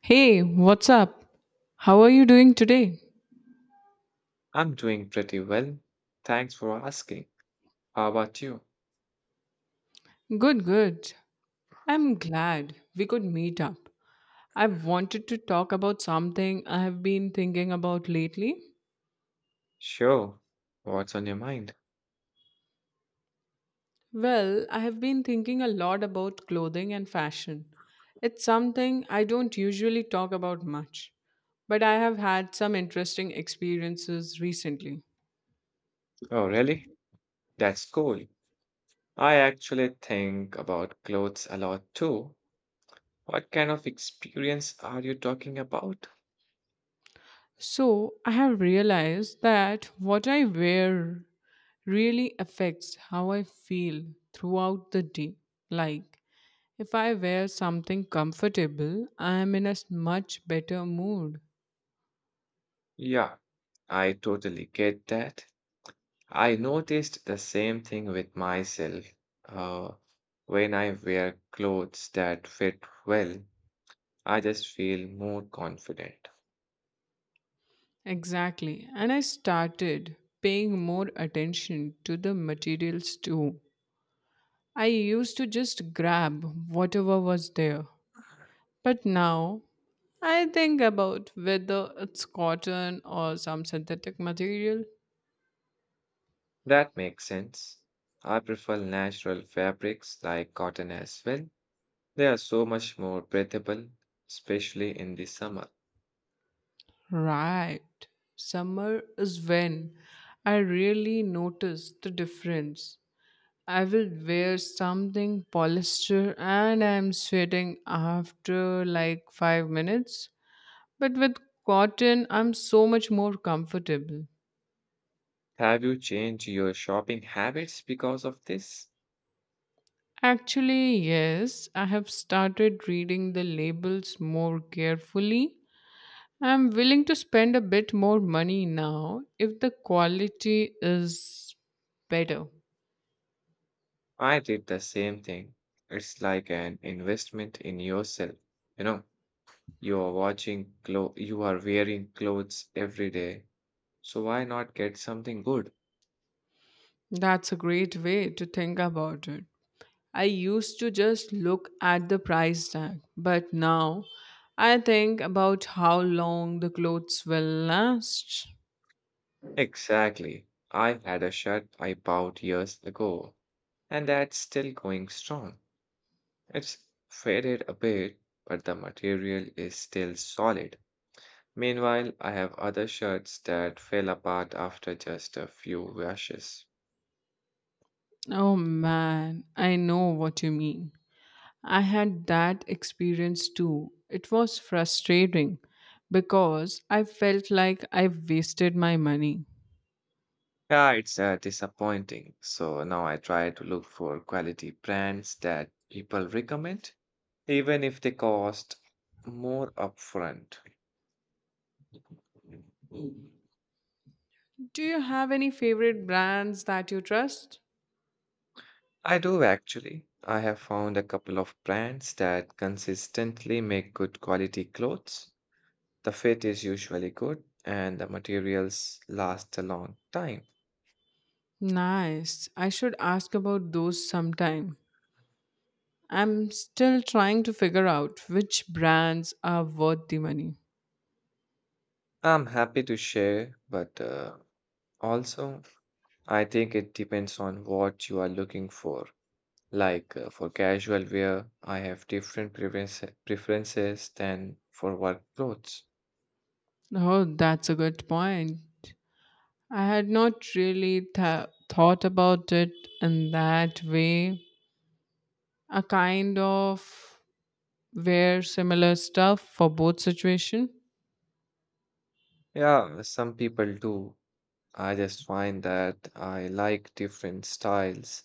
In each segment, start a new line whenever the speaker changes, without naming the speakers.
Hey, what's up? How are you doing today?
I'm doing pretty well. Thanks for asking. How about you?
Good, good. I'm glad we could meet up. I've wanted to talk about something I have been thinking about lately.
Sure. What's on your mind?
Well, I have been thinking a lot about clothing and fashion. It's something I don't usually talk about much, but I have had some interesting experiences recently.
Oh, really? That's cool. I actually think about clothes a lot too. What kind of experience are you talking about?
So I have realized that what I wear really affects how I feel throughout the day. Like, if I wear something comfortable, I am in a much better mood.
Yeah, I totally get that. I noticed the same thing with myself. Uh, when I wear clothes that fit well, I just feel more confident.
Exactly. And I started paying more attention to the materials too. I used to just grab whatever was there. But now I think about whether it's cotton or some synthetic material.
That makes sense. I prefer natural fabrics like cotton as well. They are so much more breathable, especially in the summer.
Right. Summer is when I really notice the difference. I will wear something polyester and I'm sweating after like 5 minutes. But with cotton, I'm so much more comfortable.
Have you changed your shopping habits because of this?
Actually, yes, I have started reading the labels more carefully. I'm willing to spend a bit more money now if the quality is better.
I did the same thing. It's like an investment in yourself. You know, you are you are wearing clothes every day. So why not get something good?
That's a great way to think about it. I used to just look at the price tag, but now I think about how long the clothes will last.
Exactly. I had a shirt I bought years ago, and that's still going strong. It's faded a bit, but the material is still solid. Meanwhile, I have other shirts that fell apart after just a few washes.
Oh man, I know what you mean. I had that experience too. It was frustrating because I felt like I wasted my money.
Yeah, it's disappointing. So now I try to look for quality brands that people recommend, even if they cost more upfront.
Do you have any favorite brands that you trust?
I do actually. I have found a couple of brands that consistently make good quality clothes. The fit is usually good and the materials last a long time.
Nice. I should ask about those sometime. I'm still trying to figure out which brands are worth the money.
I'm happy to share, but also I think it depends on what you are looking for. Like for casual wear, I have different preferences than for work clothes.
Oh, that's a good point. I had not really thought about it in that way. A kind of wear similar stuff for both situation.
Yeah, some people do. I just find that I like different styles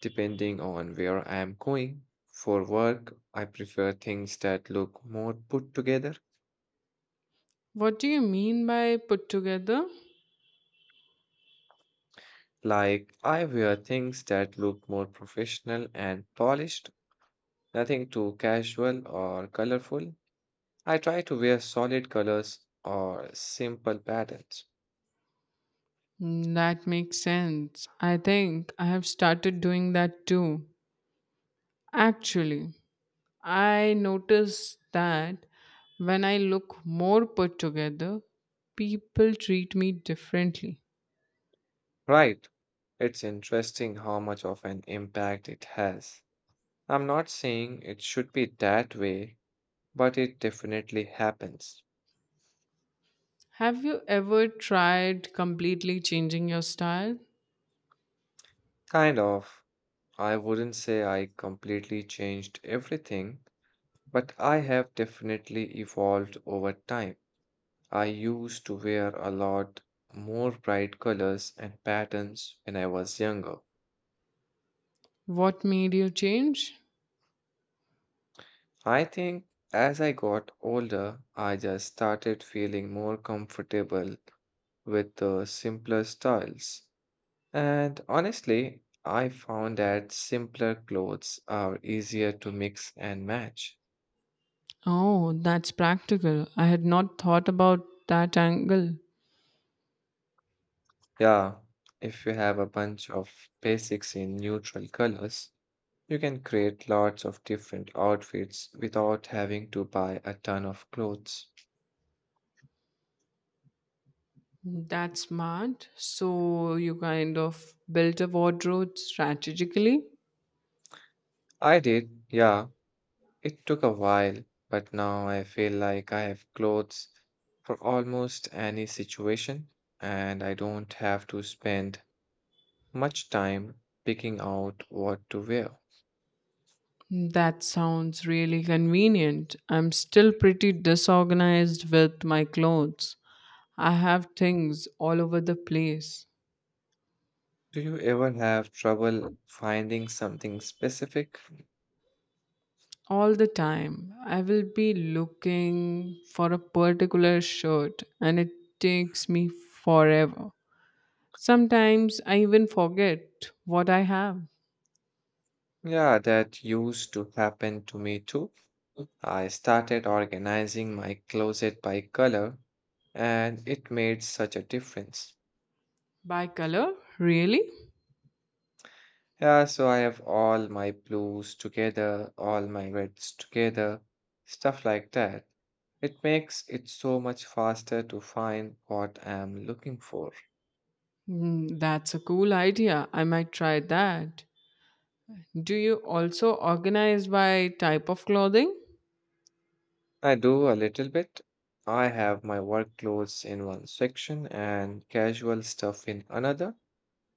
depending on where I am going. For work, I prefer things that look more put together.
What do you mean by put together?
Like, I wear things that look more professional and polished, nothing too casual or colorful. I try to wear solid colors or simple patterns.
Mm, that makes sense. I think I have started doing that too. Actually, I notice that when I look more put together, people treat me differently.
Right. It's interesting how much of an impact it has. I'm not saying it should be that way, but it definitely happens.
Have you ever tried completely changing your style?
Kind of. I wouldn't say I completely changed everything, but I have definitely evolved over time. I used to wear a lot more bright colors and patterns when I was younger.
What made you change?
I think as I got older, I just started feeling more comfortable with the simpler styles. And honestly, I found that simpler clothes are easier to mix and match.
Oh, that's practical. I had not thought about that angle.
Yeah, if you have a bunch of basics in neutral colors, you can create lots of different outfits without having to buy a ton of clothes.
That's smart. So you kind of built a wardrobe strategically?
I did, yeah. It took a while, but now I feel like I have clothes for almost any situation, and I don't have to spend much time picking out what to wear.
That sounds really convenient. I'm still pretty disorganized with my clothes. I have things all over the place.
Do you ever have trouble finding something specific?
All the time. I will be looking for a particular shirt and it takes me forever. Sometimes I even forget what I have.
Yeah, that used to happen to me too. I started organizing my closet by color and it made such a difference.
By color? Really?
Yeah, so I have all my blues together, all my reds together, stuff like that. It makes it so much faster to find what I'm looking for.
Mm, that's a cool idea. I might try that. Do you also organize by type of clothing?
I do a little bit. I have my work clothes in one section and casual stuff in another,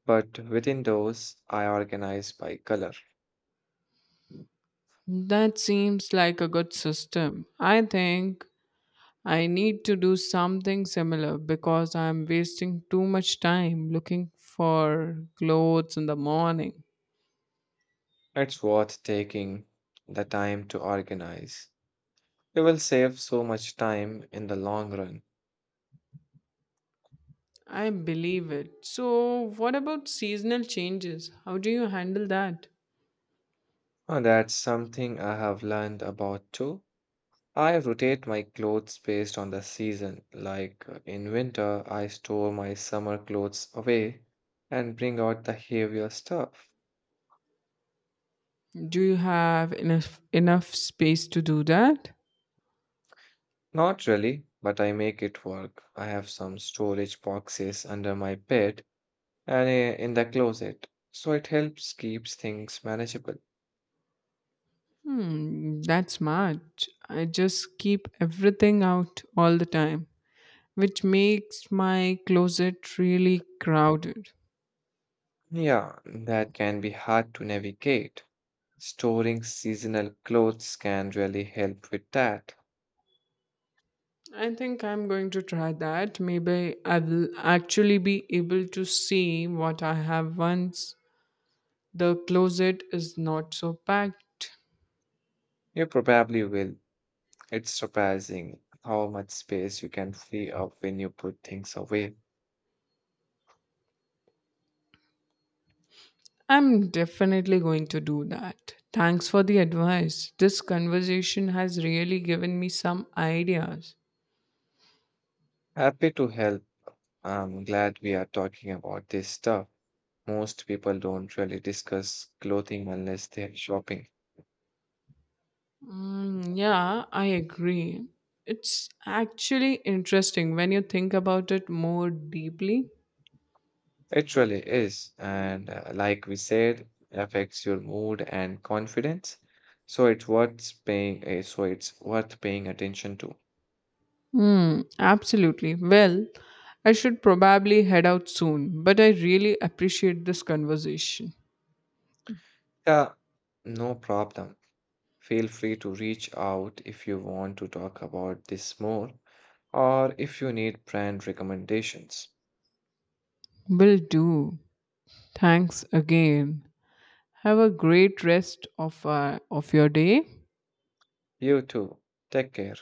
but within those, I organize by color.
That seems like a good system. I think I need to do something similar because I'm wasting too much time looking for clothes in the morning.
It's worth taking the time to organize. You will save so much time in the long run.
I believe it. So, what about seasonal changes? How do you handle that?
And that's something I have learned about too. I rotate my clothes based on the season. Like in winter, I store my summer clothes away and bring out the heavier stuff.
Do you have enough space to do that?
Not really, but I make it work. I have some storage boxes under my bed and in the closet, so it helps keeps things manageable.
Hmm, that's smart. I just keep everything out all the time, which makes my closet really crowded.
Yeah, that can be hard to navigate. Storing seasonal clothes can really help with that.
I think I'm going to try that. Maybe I will actually be able to see what I have once the closet is not so packed.
You probably will. It's surprising how much space you can free up when you put things away.
I'm definitely going to do that. Thanks for the advice. This conversation has really given me some ideas.
Happy to help. I'm glad we are talking about this stuff. Most people don't really discuss clothing unless they're shopping.
Mm, yeah, I agree. It's actually interesting when you think about it more deeply.
It really is. And like we said, affects your mood and confidence. So it's so it's worth paying attention to.
Hmm, absolutely. Well, I should probably head out soon, but I really appreciate this conversation.
Yeah, no problem. Feel free to reach out if you want to talk about this more or if you need brand recommendations.
Will do. Thanks again. Have a great rest of of your day.
You too. Take care.